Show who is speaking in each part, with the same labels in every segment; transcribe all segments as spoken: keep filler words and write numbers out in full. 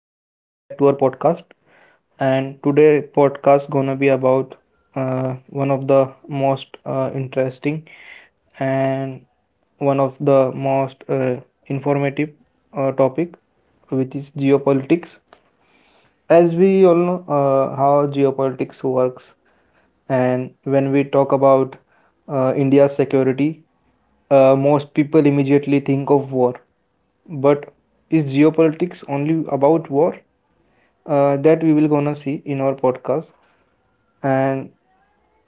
Speaker 1: Welcome back to our podcast. And today podcast gonna be about uh, one of the most uh, interesting and one of the most uh, informative uh, topic, which is geopolitics. As we all know, uh, how geopolitics works, and when we talk about uh, India's security, uh, most people immediately think of war. But is geopolitics only about war? Uh, that we will gonna see in our podcast. and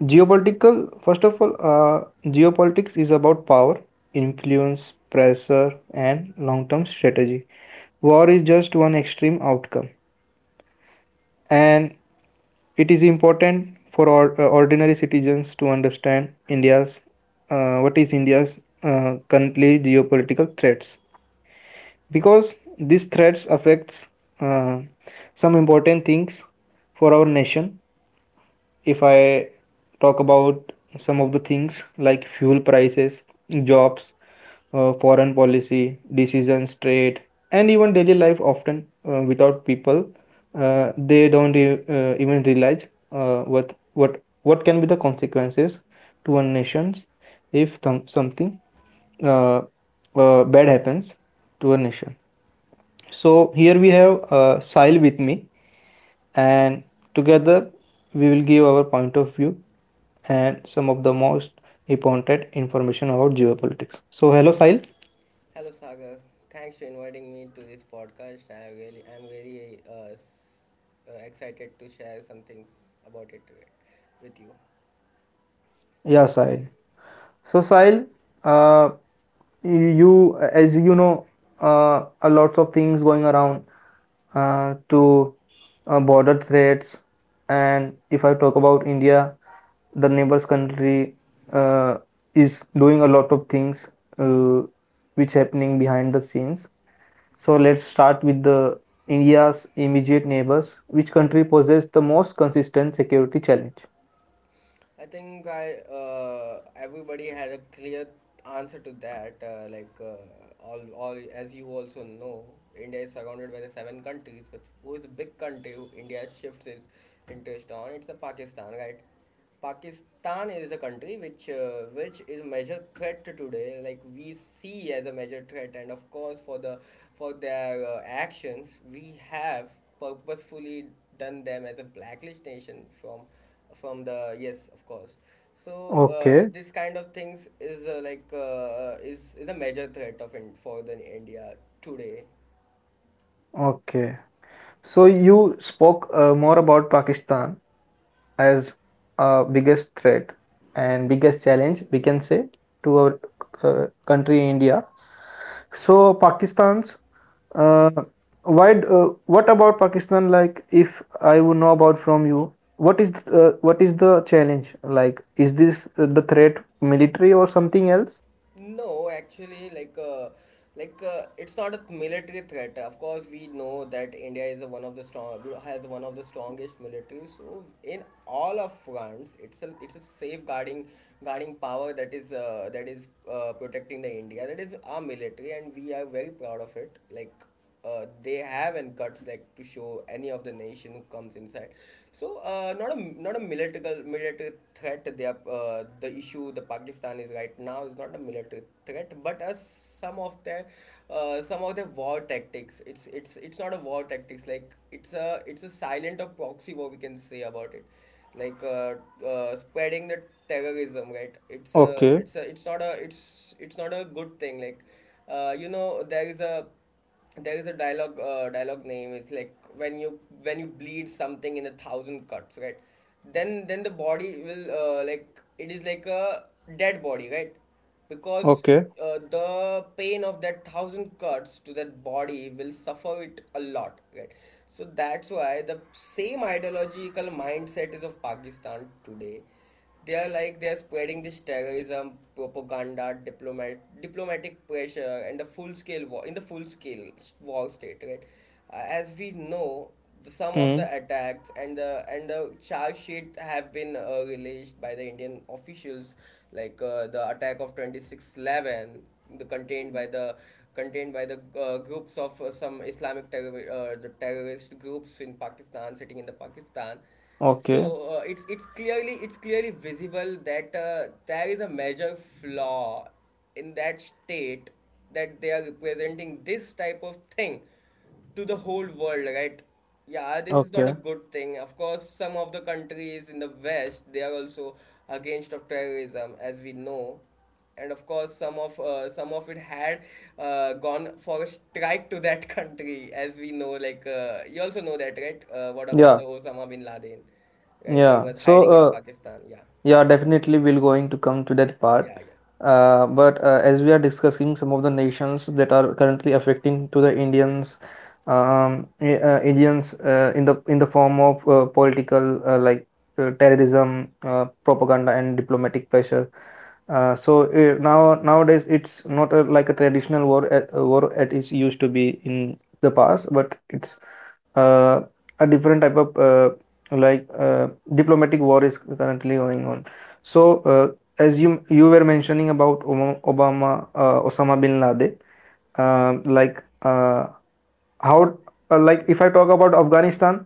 Speaker 1: geopolitical first of all uh, geopolitics is about power, influence, pressure, and long-term strategy. War is just one extreme outcome. And it is important for or, uh, ordinary citizens to understand india's uh, what is india's uh, currently geopolitical threats, because these threats affects uh, some important things for our nation. If I talk about some of the things like fuel prices, jobs, uh, foreign policy, decisions, trade, and even daily life, often uh, without people, uh, they don't e- uh, even realize uh, what what what can be the consequences to a nation if thom- something uh, uh, bad happens to a nation. So here we have uh, Sahil with me, and together we will give our point of view and some of the most important information about geopolitics. So hello, Sahil.
Speaker 2: Hello, Sagar. Thanks for inviting me to this podcast. I really, I'm very uh, s- uh, excited to share some things about it with you.
Speaker 1: Yeah, Sahil. So Sahil, uh, you as you know, uh, a lot of things going around uh, to uh, border threats, and if I talk about India, the neighbors country uh, is doing a lot of things uh, which happening behind the scenes. So let's start with the India's immediate neighbors. Which country possesses the most consistent security challenge?
Speaker 2: I think I uh, everybody had a clear answer to that. Uh, like uh, all, all as you also know, India is surrounded by the seven countries, but who is a big country? Who India shifts its interest on. It's a Pakistan, right? Pakistan is a country which uh, which is a major threat today. Like we see as a major threat, and of course for the for their uh, actions, we have purposefully done them as a blacklist nation from from the yes of course so uh,
Speaker 1: Okay,
Speaker 2: this kind of things is uh, like uh, is, is a major threat of in, for the india today.
Speaker 1: okay. So you spoke uh, more about Pakistan as a biggest threat and biggest challenge we can say to our uh, country India. So Pakistan's Uh, why? d- Uh, what about Pakistan? Like, if I would know about from you, what is th- uh, what is the challenge? Like, is this uh, the threat military or something else?
Speaker 2: No actually like uh, like uh, it's not a military threat of course we know that india is a one of the strong has one of the strongest military so in all of fronts it's a it's a safeguarding guarding power that is uh, that is uh, protecting the india that is our military, and we are very proud of it like uh, they have and guts like to show any of the nation who comes inside. So uh, not a not a military military threat. They are, uh, the issue the Pakistanis right now is not a military threat, but uh, some of their uh, some of their war tactics. It's it's it's not a war tactics. Like it's a it's a silent or proxy war we can say about it like uh, uh, spreading the terrorism, right? it's a
Speaker 1: Okay,
Speaker 2: it's a it's not a it's it's not a good thing. Like uh, you know there is a there is a dialogue uh, dialogue name, it's like when you when you bleed something in a thousand cuts, right? Then then the body will uh, like it is like a dead body right because
Speaker 1: okay,
Speaker 2: uh, the pain of that thousand cuts to that body will suffer it a lot, right? So that's why the same ideological mindset is of pakistan today. They are like they are spreading this terrorism propaganda diplomat diplomatic pressure and the full scale war in the full scale war state, right? Uh, as we know the- some of the
Speaker 1: mm,
Speaker 2: attacks and the and the charge sheets have been uh, released by the indian officials like uh, the attack of twenty six eleven, the contained by the contained by the uh, groups of uh, some islamic terror uh, the terrorist groups in pakistan sitting in the pakistan. So
Speaker 1: okay,
Speaker 2: uh, it's it's clearly it's clearly visible that uh, there is a major flaw in that state, that they are representing this type of thing to the whole world, right? Yeah, this is not a
Speaker 1: okay.
Speaker 2: good thing. Of course, some of the countries in the West they are also against of terrorism, as we know, and of course some of uh, some of it had uh, gone for a strike to that country as we know. Like uh, you also know that, right? Uh, what about the
Speaker 1: Yeah,
Speaker 2: Osama bin Laden, right? He
Speaker 1: yeah.
Speaker 2: was hiding in
Speaker 1: So,
Speaker 2: Pakistan. Yeah.
Speaker 1: yeah, definitely we're going to come to that part.
Speaker 2: Yeah yeah
Speaker 1: Uh, but uh, as we are discussing some of the nations that are currently affecting to the Indians, um, I- uh, Indians uh, in the in the form of uh, political, uh, like, uh, terrorism, uh, propaganda, and diplomatic pressure. Uh, so uh, now nowadays it's not a, like a traditional war, uh, uh, war it is used to be in the past, but it's uh, a different type of uh, like, uh, diplomatic war is currently going on. So, uh, as you you were mentioning about Obama, uh, Osama bin Laden, um like, uh, how, uh, like if I talk about Afghanistan,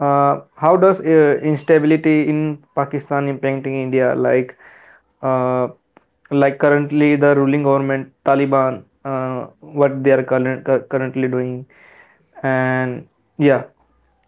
Speaker 1: uh, how does uh, instability in Pakistan impacting India? Like uh, like currently the ruling government Taliban, uh, what they are current, currently doing, and yeah.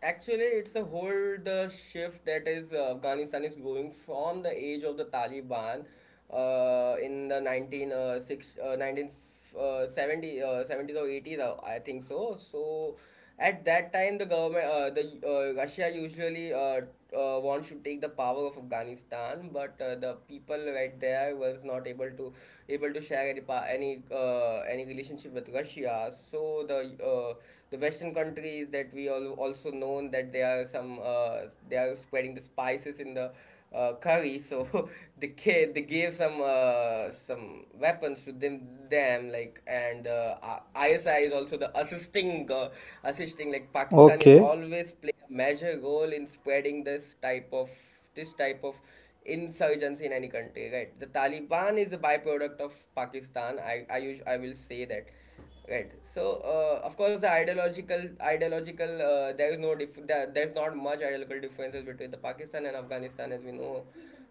Speaker 2: Actually, it's a whole the shift that is uh, Afghanistan is going from the age of the Taliban uh, in the nineteen uh, six, uh, nineteen seventy uh, seventies or eighties uh, I think so. So at that time the government uh, the uh, Russia usually uh, uh, wants to take the power of Afghanistan, but uh, the people right there was not able to able to share any any uh, any relationship with Russia. So the uh, the Western countries that we all also known, that they are some uh, they are spreading the spices in the uh, curry, so they kid they gave some uh, some weapons to them them like, and uh, I- ISI is also the assisting uh, assisting. Like Pakistan is
Speaker 1: Okay.
Speaker 2: always play a major role in spreading this type of this type of insurgency in any country, right? The Taliban is a byproduct of Pakistan. I I, us- I will say that, right? So uh, of course the ideological ideological uh, there is no dif- there, there's not much ideological differences between the pakistan and afghanistan as we know.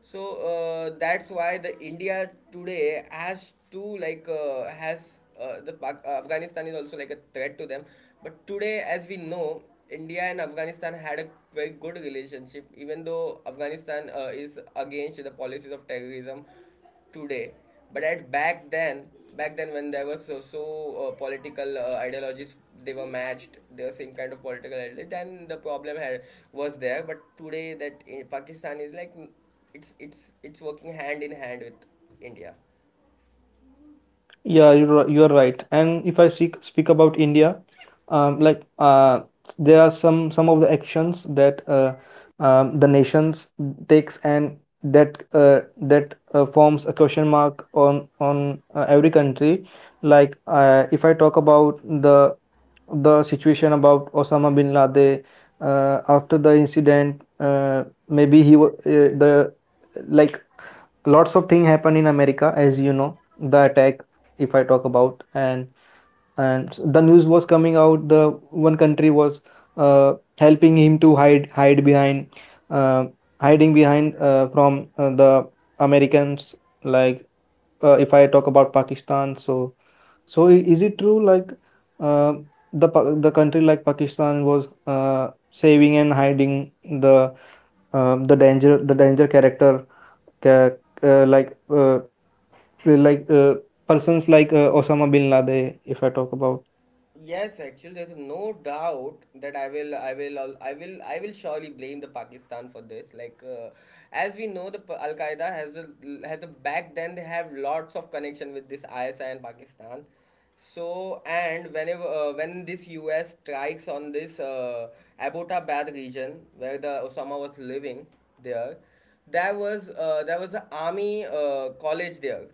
Speaker 2: So uh, that's why the india today has to like uh, has uh, the Pak- uh, afghanistan is also like a threat to them, but today as we know india and afghanistan had a very good relationship, even though afghanistan uh, is against the policies of terrorism today. But at back then back then when there was so, so uh, political uh, ideologies, they were matched, they were same kind of political ideology, then the problem had was there. But today that in pakistan is like it's it's it's working hand in hand with india.
Speaker 1: Yeah, you're, ri- you're right. And if I speak, speak about India, um, like uh, there are some some of the actions that uh, um, the nations takes, and that uh, that uh, forms a question mark on on uh, every country. Like uh, if I talk about the the situation about Osama bin Laden uh, after the incident, uh, maybe he was, uh, the like lots of things happen in America, as you know, the attack, if I talk about, and and the news was coming out, the one country was uh, helping him to hide hide behind uh, hiding behind uh, from uh, the Americans, like uh, if I talk about Pakistan. So so i- is it true like uh, the Pa- the country like Pakistan was uh, saving and hiding the uh, the danger the danger character ca- uh, like uh, like uh, persons like uh, Osama bin Laden, if I talk about.
Speaker 2: Yes, actually, there's no doubt that I will, I will, al- I will, I will surely blame the Pakistan for this. Like, uh, as we know, the Pa- Al Qaeda has a has a back then they have lots of connection with this I S I and Pakistan. So, and whenever uh, when this U S strikes on this uh, Abbottabad region where the Osama was living there, there was uh, there was an army uh, college there.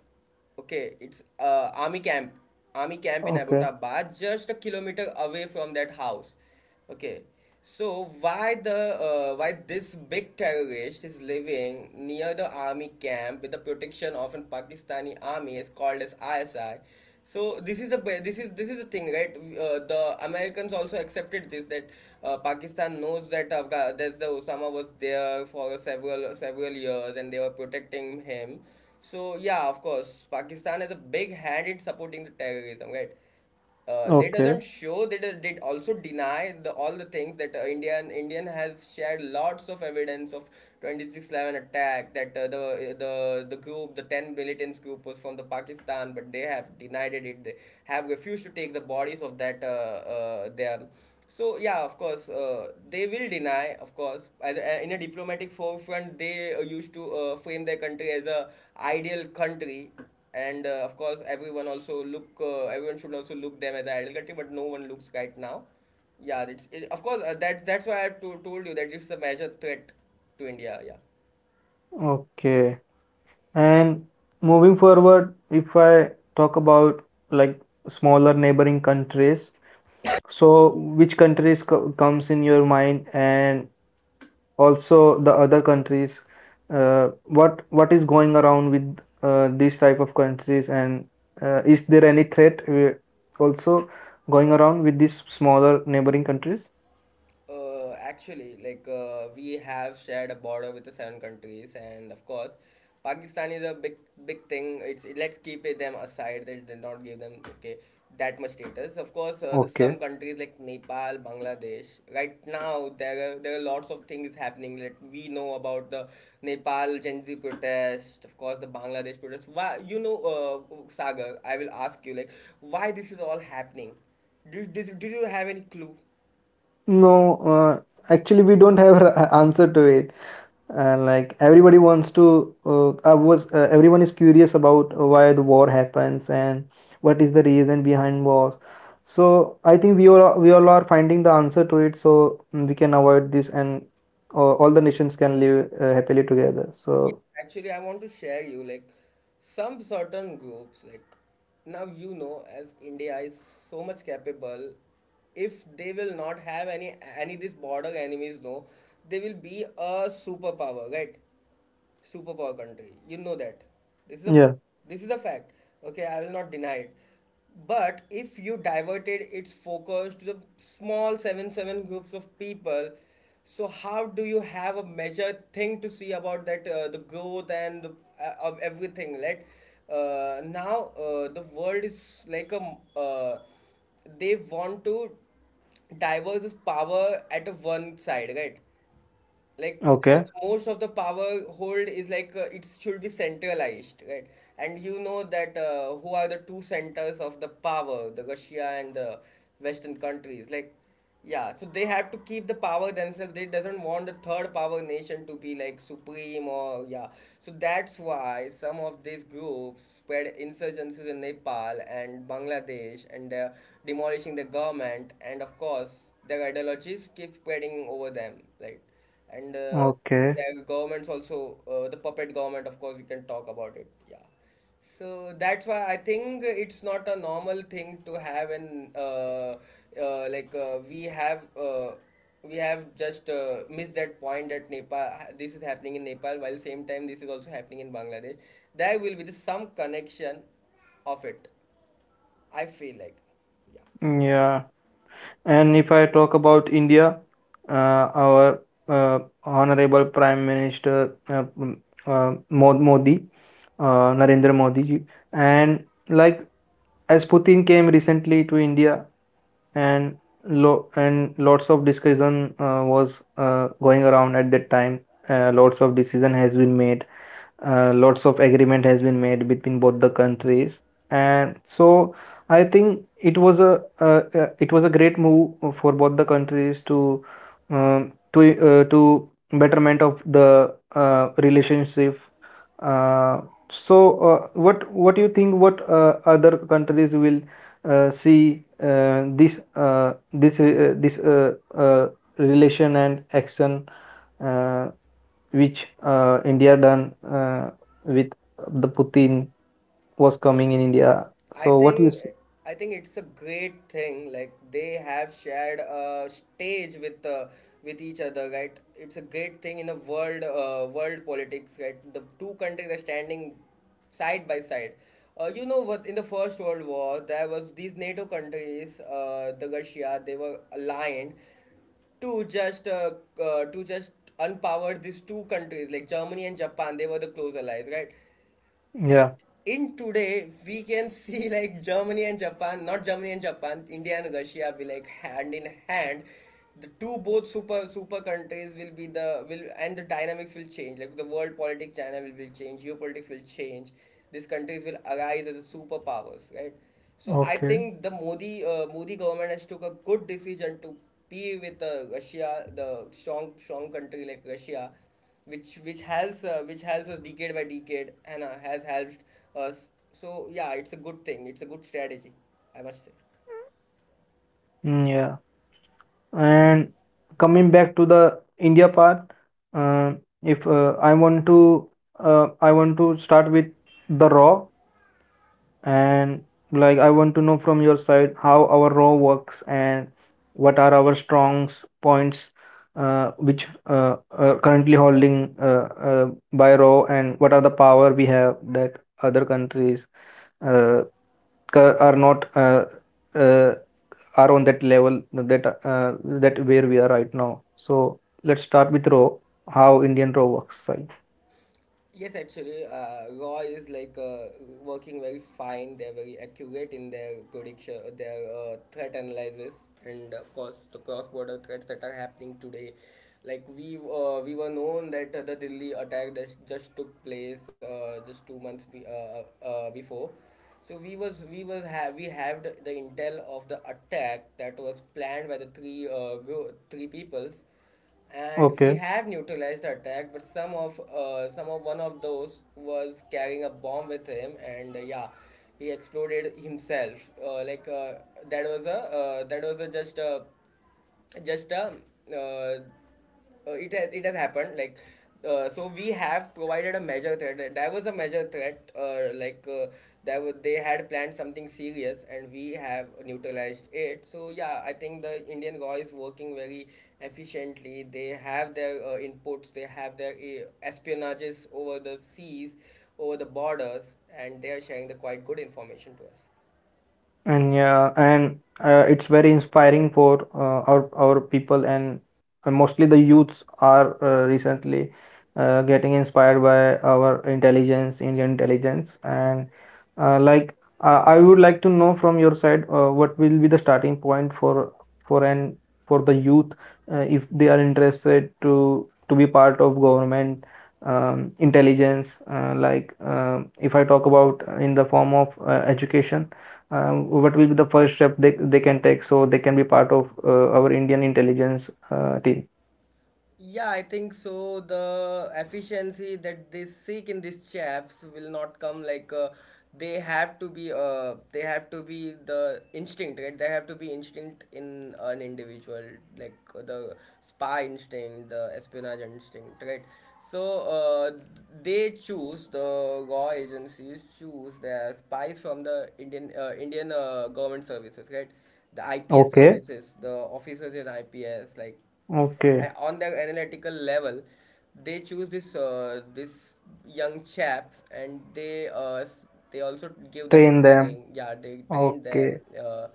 Speaker 2: Okay, it's uh, army camp, army camp in
Speaker 1: Okay,
Speaker 2: Abbottabad, just a kilometer away from that house. Okay, so why the uh, why this big terrorist is living near the army camp with the protection of an Pakistani army is called as I S I. So this is a ba- this is this is the thing, right? Uh, the Americans also accepted this, that uh, Pakistan knows that Afga- that the Osama was there for several several years and they were protecting him. So yeah, of course, Pakistan has a big hand in supporting the terrorism, right? Uh, they
Speaker 1: okay,
Speaker 2: doesn't show they do- they also deny the all the things, that uh, Indian Indian has shared lots of evidence of twenty six eleven attack, that uh, the the the group the ten militants group was from the Pakistan, but they have denied it, they have refused to take the bodies of that uh, uh, their so yeah, of course, uh, they will deny. Of course, as a, in a diplomatic forefront, they uh, used to uh, frame their country as a ideal country, and uh, of course, everyone also look. Uh, everyone should also look them as an ideal country, but no one looks right now. Yeah, it's it, of course uh, that that's why I to, told you that it's a major threat to India. Yeah.
Speaker 1: okay. And moving forward, if I talk about like smaller neighboring countries, so which countries co comes in your mind, and also the other countries, uh, what what is going around with uh, these type of countries, and uh, is there any threat uh, also going around with these smaller neighboring countries?
Speaker 2: Uh, actually, like uh, we have shared a border with the seven countries, and of course, Pakistan is a big, big thing. It's let's keep it, them aside. They did not give them okay that much status. Of course, uh, the some
Speaker 1: Okay.
Speaker 2: countries like Nepal, Bangladesh. Right now, there are there are lots of things happening. Like we know about the Nepal Gandhi protest. Of course, the Bangladesh protest. Why you know, uh, Sagar? I will ask you like why this is all happening. Did, did, did you have any clue?
Speaker 1: No, uh, actually, we don't have an answer to it. And like everybody wants to, uh, I was uh, everyone is curious about why the war happens and what is the reason behind wars. So I think we all are, we all are finding the answer to it, so mm, we can avoid this, and uh, all the nations can live uh, happily together.
Speaker 2: Yeah,
Speaker 1: So
Speaker 2: actually, I want to share you like some certain groups like now you know as India is so much capable. If they will not have any any these border enemies, no, they will be a superpower, right? Superpower country. You know that. This is a
Speaker 1: yeah.
Speaker 2: this is a fact. Okay, I will not deny it. But if you diverted its focus to the small 7 7 groups of people, so how do you have a measured thing to see about that uh, the growth and uh, of everything, right? Uh, now uh, the world is like a uh, they want to diverse power at a one side, right? Like the,
Speaker 1: Okay,
Speaker 2: the most of the power hold is like uh, it should be centralized, right? And you know that uh, who are the two centers of the power, the russia and the western countries, like yeah. So they have to keep the power themselves, they doesn't want the third power nation to be like supreme, or yeah. So that's why some of these groups spread insurgencies in nepal and bangladesh, and they're demolishing the government, and of course their ideologies keep spreading over them, right? And uh,
Speaker 1: okay,
Speaker 2: their governments also uh, the puppet government, of course we can talk about it, yeah. So that's why I think it's not a normal thing to have an uh, uh, like uh, we have uh, we have just uh, missed that point that nepal, this is happening in nepal while same time this is also happening in bangladesh, there will be the, some connection of it, I feel like, yeah.
Speaker 1: yeah. And if I talk about India, uh, our uh, honorable Prime Minister, uh, mm, uh, Modi, uh, Narendra Modi ji, and like as Putin came recently to India, and lo and lots of discussion uh, was uh, going around at that time. Uh, lots of decision has been made, uh, lots of agreement has been made between both the countries, and so I think it was a uh, uh, it was a great move for both the countries to, um, to uh, to betterment of the uh, relationship. Uh, so uh, what what do you think, what uh, other countries will uh, see uh, this uh, this uh, this uh, uh, relation and action, uh, which uh, India done uh, with the Putin was coming in India.
Speaker 2: I
Speaker 1: So what you
Speaker 2: think
Speaker 1: see?
Speaker 2: I think it's a great thing. Like they have shared a stage with uh, with each other, right? It's a great thing in a world uh, world politics, right? The two countries are standing side by side. Uh, you know what? In the First World War, there was these NATO countries, uh, the Russia, they were aligned to just uh, uh, to just unpower these two countries like Germany and Japan. They were the close allies, right?
Speaker 1: Yeah.
Speaker 2: In today we can see like germany and japan not germany and japan, india and russia will, like, hand in hand, the two both super super countries will be the will and the dynamics will change. Like the world politics, china will, will change, geopolitics will change, these countries will arise as a superpowers, right? So I
Speaker 1: Okay.
Speaker 2: think the modi uh, modi government has took a good decision to be with uh, russia, the strong strong country like russia, which which helps, uh, which helps us decade by decade, and uh, has helped us. So yeah, it's a good thing. It's a good strategy, I must say.
Speaker 1: Mm, yeah. And coming back to the India part, uh, if uh, I want to, uh, I want to start with the RAW. And like I want to know from your side how our R A W works, and what are our strong s- points, uh, which uh, are currently holding uh, uh, by R A W, and what are the power we have that other countries uh, cur- are not, uh, uh, are on that level that uh, that where we are right now. So let's start with R A W, how Indian R A W works, Sai.
Speaker 2: Yes, actually, uh, Raw is like uh, working very fine. They're very accurate in their prediction, uh, their uh, threat analysis, and of course, the cross-border threats that are happening today. Like we uh, we were known that uh, the Delhi attack that just took place, uh, just two months be- uh, uh, uh, before. So we was we was have we have the, the intel of the attack that was planned by the three uh, gro- three peoples, and we
Speaker 1: Okay.
Speaker 2: have neutralized the attack, but some of uh, some of one of those was carrying a bomb with him, and uh, yeah, he exploded himself. Uh, like uh, that was a uh, that was a just a just a uh, uh, it has It has happened. Like, uh, so we have provided a measure threat. Uh, there was a measure threat. Uh, like uh, there were, they had planned something serious, and we have neutralized it. So yeah, I think the indian guy is working very efficiently. They have their uh, inputs, they have their uh, espionages over the seas, over the borders, and they are sharing the quite good information to us.
Speaker 1: And yeah, and uh, it's very inspiring for uh, our our people, and uh, mostly the youths are uh, recently uh, getting inspired by our intelligence, Indian intelligence. And uh, like, uh, I would like to know from your side uh, what will be the starting point for for an for the youth, uh, if they are interested to to be part of government um, intelligence, uh, like, um if I talk about in the form of uh, education, um, what will be the first step they, they can take, so they can be part of uh, our Indian intelligence uh, team.
Speaker 2: Yeah, I think so. The efficiency that they seek in these chaps will not come like uh, they have to be uh, they have to be the instinct, right? They have to be instinct in an individual, like uh, the spy instinct, the espionage instinct, right? So uh, they choose the law agencies choose their spies from the Indian uh, Indian uh, government services, right? The I P S
Speaker 1: Okay,
Speaker 2: services, the officers in I P S, like
Speaker 1: okay.
Speaker 2: on the analytical level, they choose this uh, this young chaps, and they uh, s- they also give them
Speaker 1: Train them.
Speaker 2: training. Yeah, they train
Speaker 1: Okay,
Speaker 2: them, uh,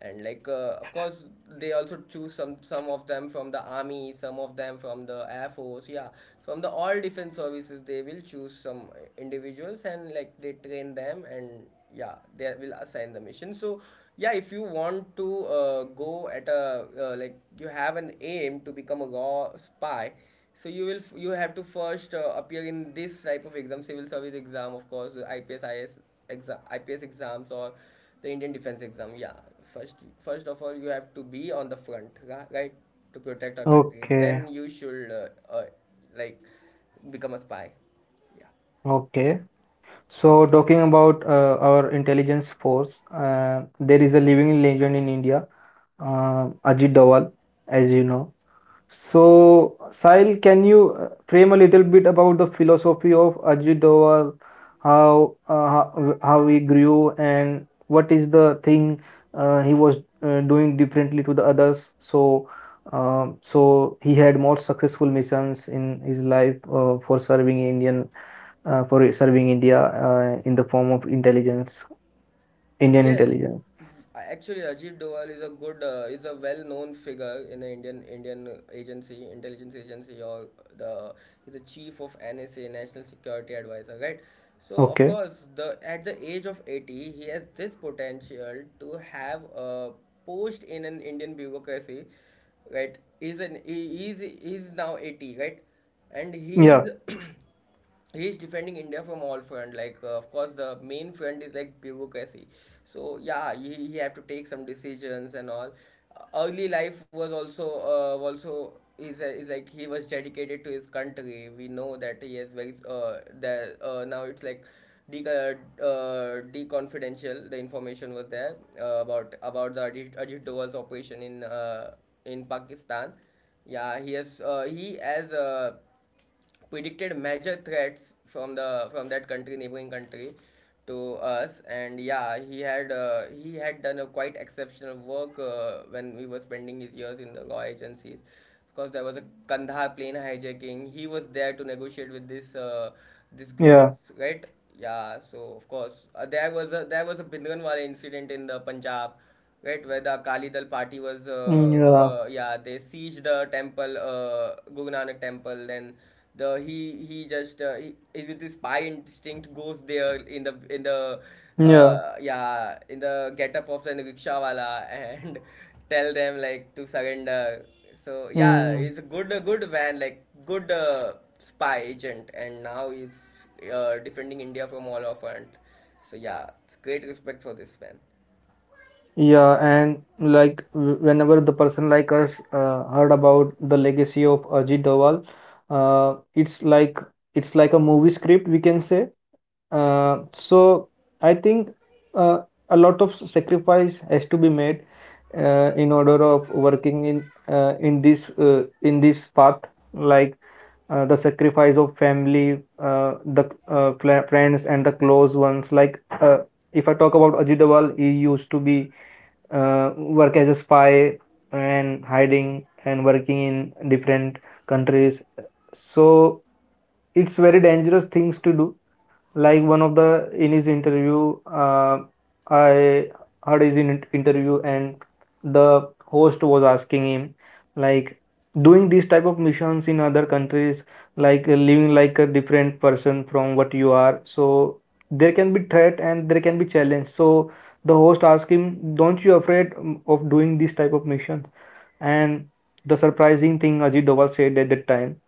Speaker 2: and like, uh, of course, they also choose some some of them from the army, some of them from the air force. Yeah, from the all defense services they will choose some individuals, and like, they train them, and yeah, they will assign the mission. So yeah, if you want to uh, go at a uh, like, you have an aim to become a go spy, so you will f- you have to first uh, appear in this type of exam, civil service exam. Of course, ips is exam ips exams, or the indian defense exam. Yeah, first first of all, you have to be on the front ra- right, to protect our country,
Speaker 1: okay,
Speaker 2: then you should, uh, uh, like, become a spy. Yeah.
Speaker 1: okay. So, talking about uh, our intelligence force, uh, there is a living legend in India, uh, Ajit Dawal, as you know. So, Sahil, can you uh, frame a little bit about the philosophy of Ajit Doval, how uh, how how he grew, and what is the thing uh, he was uh, doing differently to the others? So, um, so he had more successful missions in his life uh, for serving Indian uh, for serving India uh, in the form of intelligence, Indian
Speaker 2: Yeah,
Speaker 1: intelligence.
Speaker 2: actually, Ajit Doval is a good, uh, is a well known figure in the Indian Indian agency, intelligence agency, or the he's a chief of N S A, National Security Advisor, right? So of
Speaker 1: Okay.
Speaker 2: course, the at the age of eighty, he has this potential to have a post in an Indian bureaucracy, right? he's an he is he's he's now eighty, right? And he
Speaker 1: Yeah.
Speaker 2: is he is defending India from all front. Like, uh, of course, the main front is like bureaucracy. So yeah, he, he have to take some decisions and all. Uh, Early life was also, uh, also is uh, is like, he was dedicated to his country. We know that he has very uh, that uh, now it's like de uh, de confidential. The information was there uh, about about the Ajit, Ajit Doval's operation in uh, in Pakistan. Yeah, he has uh, he as uh, predicted major threats from the from that country, neighboring country, to us. And yeah, he had uh, he had done a quite exceptional work uh, when he was spending his years in the law agencies. Of course, there was a kandahar plane hijacking, he was there to negotiate with this uh, this
Speaker 1: Yeah.
Speaker 2: groups, right? Yeah, so of course, uh, there was a there was a bindranwala incident in the punjab, right, where the Akali Dal party was
Speaker 1: Mm,
Speaker 2: uh,
Speaker 1: yeah.
Speaker 2: uh, yeah, they siege the temple, uh, Guru Nanak temple, then the he he just, uh, he, he, with his spy instinct, goes there in the in the,
Speaker 1: Yeah.
Speaker 2: uh, yeah, in the getup of the rickshawala, and tell them like to surrender. So yeah,
Speaker 1: Mm.
Speaker 2: he's a good, a good man, like, good, uh, spy agent, and now he's uh, defending India from all of it. So yeah, it's great respect for this man.
Speaker 1: Yeah, and like w- whenever the person like us uh, heard about the legacy of Ajit Doval, uh, it's like it's like a movie script, we can say. Uh, so I think uh, a lot of sacrifice has to be made uh, in order of working in uh, in this, uh, in this path. Like uh, the sacrifice of family, uh, the uh, fla- friends and the close ones. Like uh, if I talk about Ajit Doval, he used to be uh, work as a spy, and hiding and working in different countries. So it's very dangerous things to do. Like, one of the in his interview uh, I heard his in interview, and the host was asking him, like, doing these type of missions in other countries, like uh, living like a different person from what you are. So there can be threat and there can be challenge. So the host asked him, don't you afraid um, of doing these type of missions? And the surprising thing Ajit Doval said at that time: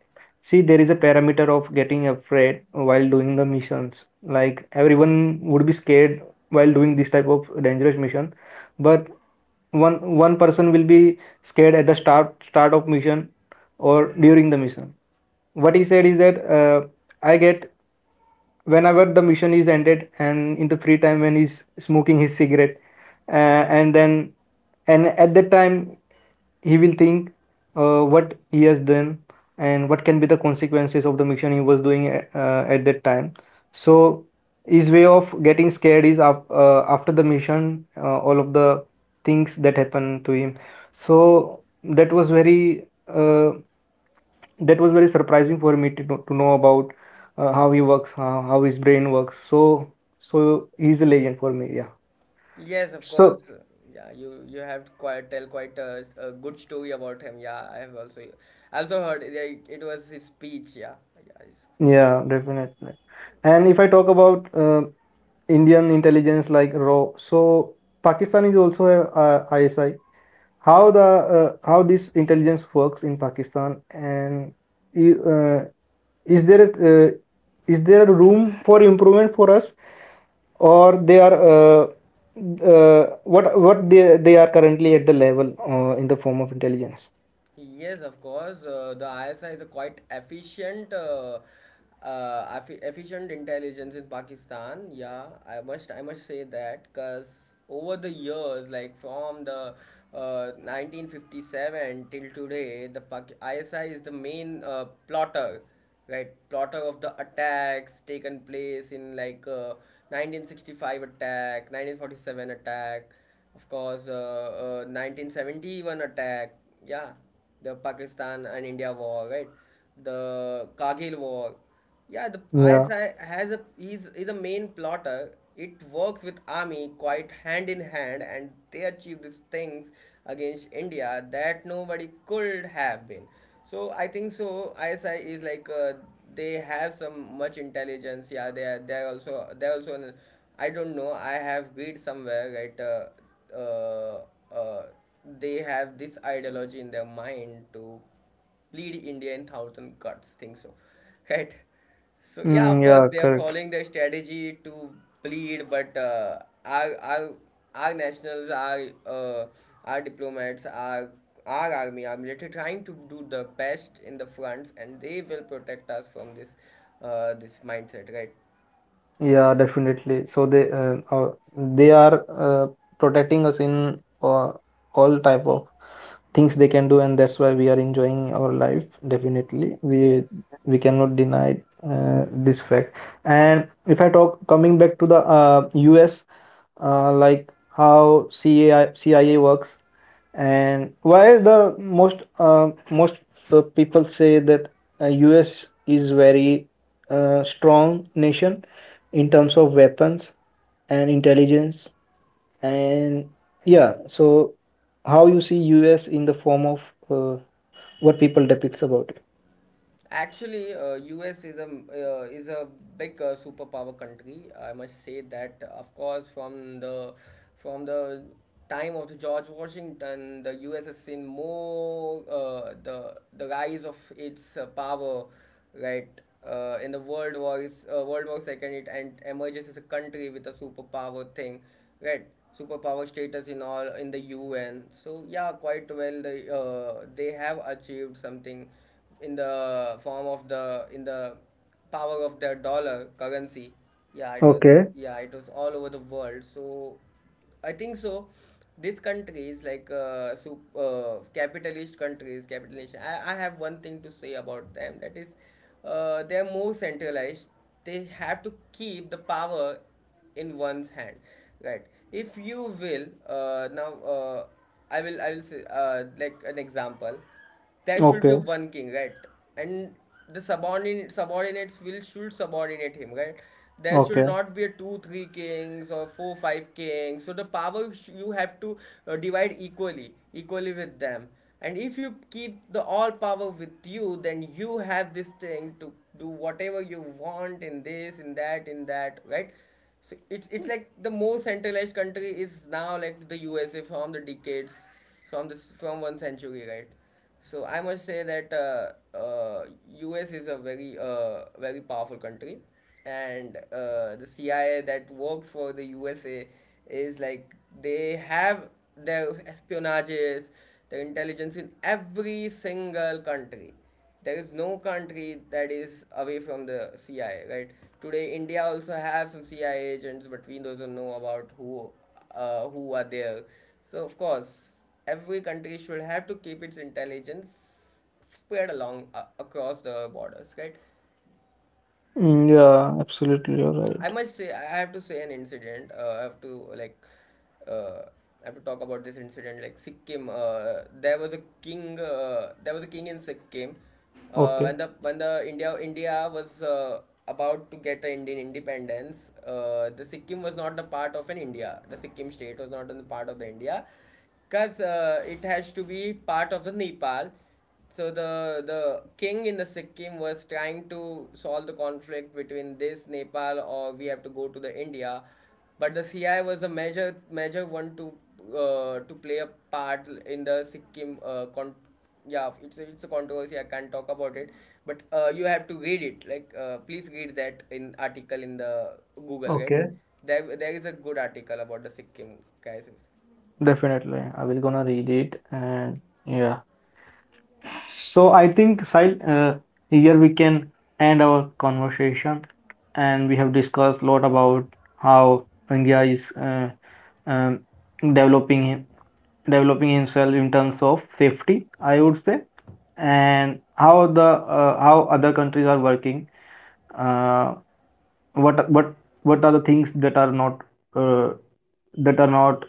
Speaker 1: See, there is a parameter of getting afraid while doing the missions. Like, everyone would be scared while doing this type of dangerous mission, but one one person will be scared at the start start of mission or during the mission. What he said is that, uh, I get whenever the mission is ended, and in the free time when he's smoking his cigarette, uh, and then and at that time he will think, uh, what he has done and what can be the consequences of the mission he was doing, uh, at that time. So his way of getting scared is af- uh, after the mission, uh, all of the things that happened to him. So that was very uh, that was very surprising for me to, know- to know about uh, how he works, how, how his brain works. So so he's a legend for me. Yeah.
Speaker 2: Yes, of
Speaker 1: So
Speaker 2: course. Yeah, you you have quite tell quite a, a good story about him. Yeah, I have also, I also heard. Yeah, it, it was his speech. Yeah, yeah, yes, of course.
Speaker 1: yeah, definitely. And if I talk about uh, Indian intelligence like RAW. So Pakistan is also a, uh I S I. How the uh, how this intelligence works in Pakistan, and uh, is there a, uh, is there a room for improvement for us, or they are uh, uh, what what they they are currently at the level, uh, in the form of intelligence?
Speaker 2: Yes, of course. Uh, the I S I is a quite efficient, uh, uh, effi- efficient intelligence in Pakistan. Yeah, I must, I must say that, because over the years, like from the uh, nineteen fifty-seven till today, the Pak- I S I is the main uh, plotter, right? Plotter of the attacks taken place in, like, uh, nineteen sixty-five attack, nineteen forty-seven attack, of course, uh, uh, nineteen seventy-one attack. Yeah, the Pakistan and India war, right? The Kargil war. Yeah, the
Speaker 1: Yeah.
Speaker 2: I S I has a he's is a main plotter. It works with army quite hand in hand, and they achieve these things against India that nobody could have been. So I think so. I S I is like, uh, they have some much intelligence. Yeah, they are they are also they are also an, I don't know, I have read somewhere, right. Uh, uh, uh, they have this ideology in their mind to bleed India in thousand cuts. Think so, right? So yeah,
Speaker 1: Mm,
Speaker 2: of course,
Speaker 1: yeah,
Speaker 2: they are
Speaker 1: correct.
Speaker 2: following their strategy to bleed, but uh, our our our nationals, our, uh, our diplomats, our our army, our military trying to do the best in the fronts, and they will protect us from this, uh, this mindset, right?
Speaker 1: Yeah, definitely. So they uh, uh, they are uh, protecting us in uh, all type of things they can do, and that's why we are enjoying our life. Definitely, we
Speaker 2: Yes.
Speaker 1: we cannot deny uh, this fact. And if I talk coming back to the uh, US, uh, like how C I A, cia works, and why the most uh, most uh, people say that uh, US is very uh, strong nation in terms of weapons and intelligence, and yeah, so how you see US in the form of uh, what people depicts about it.
Speaker 2: Actually, uh, U S is a uh, is a big, uh, superpower country, I must say that. Of course, from the from the time of the George Washington, the U S has seen more, uh, the the rise of its, uh, power, right? Uh, in the World War is uh, World War Second, it and emerges as a country with a superpower thing, right? Superpower status in all in the U N. So yeah, quite well. They uh, they have achieved something in the form of the in the power of their dollar currency. Yeah, it was
Speaker 1: Okay,
Speaker 2: yeah, it was all over the world. So I think so, these countries, like, uh, sup- uh, capitalist countries. Capitalist, I, I have one thing to say about them, that is, uh, they are more centralized. They have to keep the power in one's hand, right? If you will, uh, now uh, I will I will say, uh, like an example, there should be
Speaker 1: okay,
Speaker 2: one king, right, and the subordinate subordinates will should subordinate him, right? There should
Speaker 1: okay.
Speaker 2: not be a two three kings or four five kings, so the power sh- you have to uh, divide equally equally with them, and if you keep the all power with you, then you have this thing to do whatever you want in this in that in that, right? So it's it's like, the most centralized country is now, like, the usa, from the decades, from this, from one century, right? So I must say that, uh, uh, U S is a very, uh, very powerful country, and uh, the C I A that works for the U S A is like, they have their espionages, their intelligence in every single country. There is no country that is away from the C I A, right? Today, India also have some C I A agents, but we don't know about who, uh, who are there. So of course, every country should have to keep its intelligence spread along, uh, across the borders, right?
Speaker 1: Mm, yeah, absolutely, you're
Speaker 2: I
Speaker 1: right.
Speaker 2: must say, I have to say an incident. Uh, I have to like, uh, I have to talk about this incident. Like, Sikkim, uh, there was a king. Uh, there was a king in Sikkim. Uh,
Speaker 1: Okay,
Speaker 2: when the when the India India was, uh, about to get an Indian independence, uh, the Sikkim was not the part of an India. The Sikkim state was not on the part of the India, because uh, it has to be part of the Nepal. So the the king in the Sikkim was trying to solve the conflict between this Nepal, or we have to go to the India, but the C I was a major major one to uh, to play a part in the Sikkim uh, con- yeah it's a, It's a controversy, I can't talk about it, but uh, you have to read it, like, uh, please read that in article in the Google, right?
Speaker 1: okay,
Speaker 2: there there is a good article about the Sikkim crisis.
Speaker 1: definitely. I
Speaker 2: Yeah.
Speaker 1: will gonna read it, and yeah. So I think, Sahil, uh, here we can end our conversation, and we have discussed a lot about how India is uh, um, developing developing himself in terms of safety, I would say, and how the uh, how other countries are working. Uh, what what what are the things that are not, uh, that are not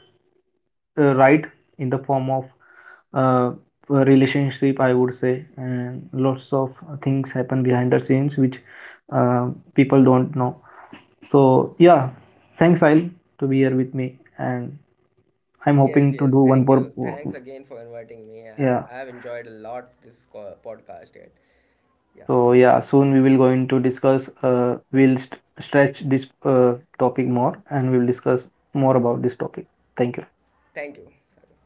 Speaker 1: uh, right in the form of uh, relationship, I would say, and lots of things happen behind the scenes, which uh, people don't know. So yeah, thanks, I'll to be here with me, and I'm
Speaker 2: Yes,
Speaker 1: hoping to
Speaker 2: yes.
Speaker 1: do one
Speaker 2: Thank
Speaker 1: more.
Speaker 2: you. Thanks again for inviting me. I,
Speaker 1: Yeah,
Speaker 2: I have enjoyed a lot this co- podcast yet.
Speaker 1: so
Speaker 2: Yeah.
Speaker 1: yeah, soon we will going to discuss, uh, we'll st- stretch this uh, topic more, and we'll discuss more about this topic. Thank you.
Speaker 2: Thank you, Sagar.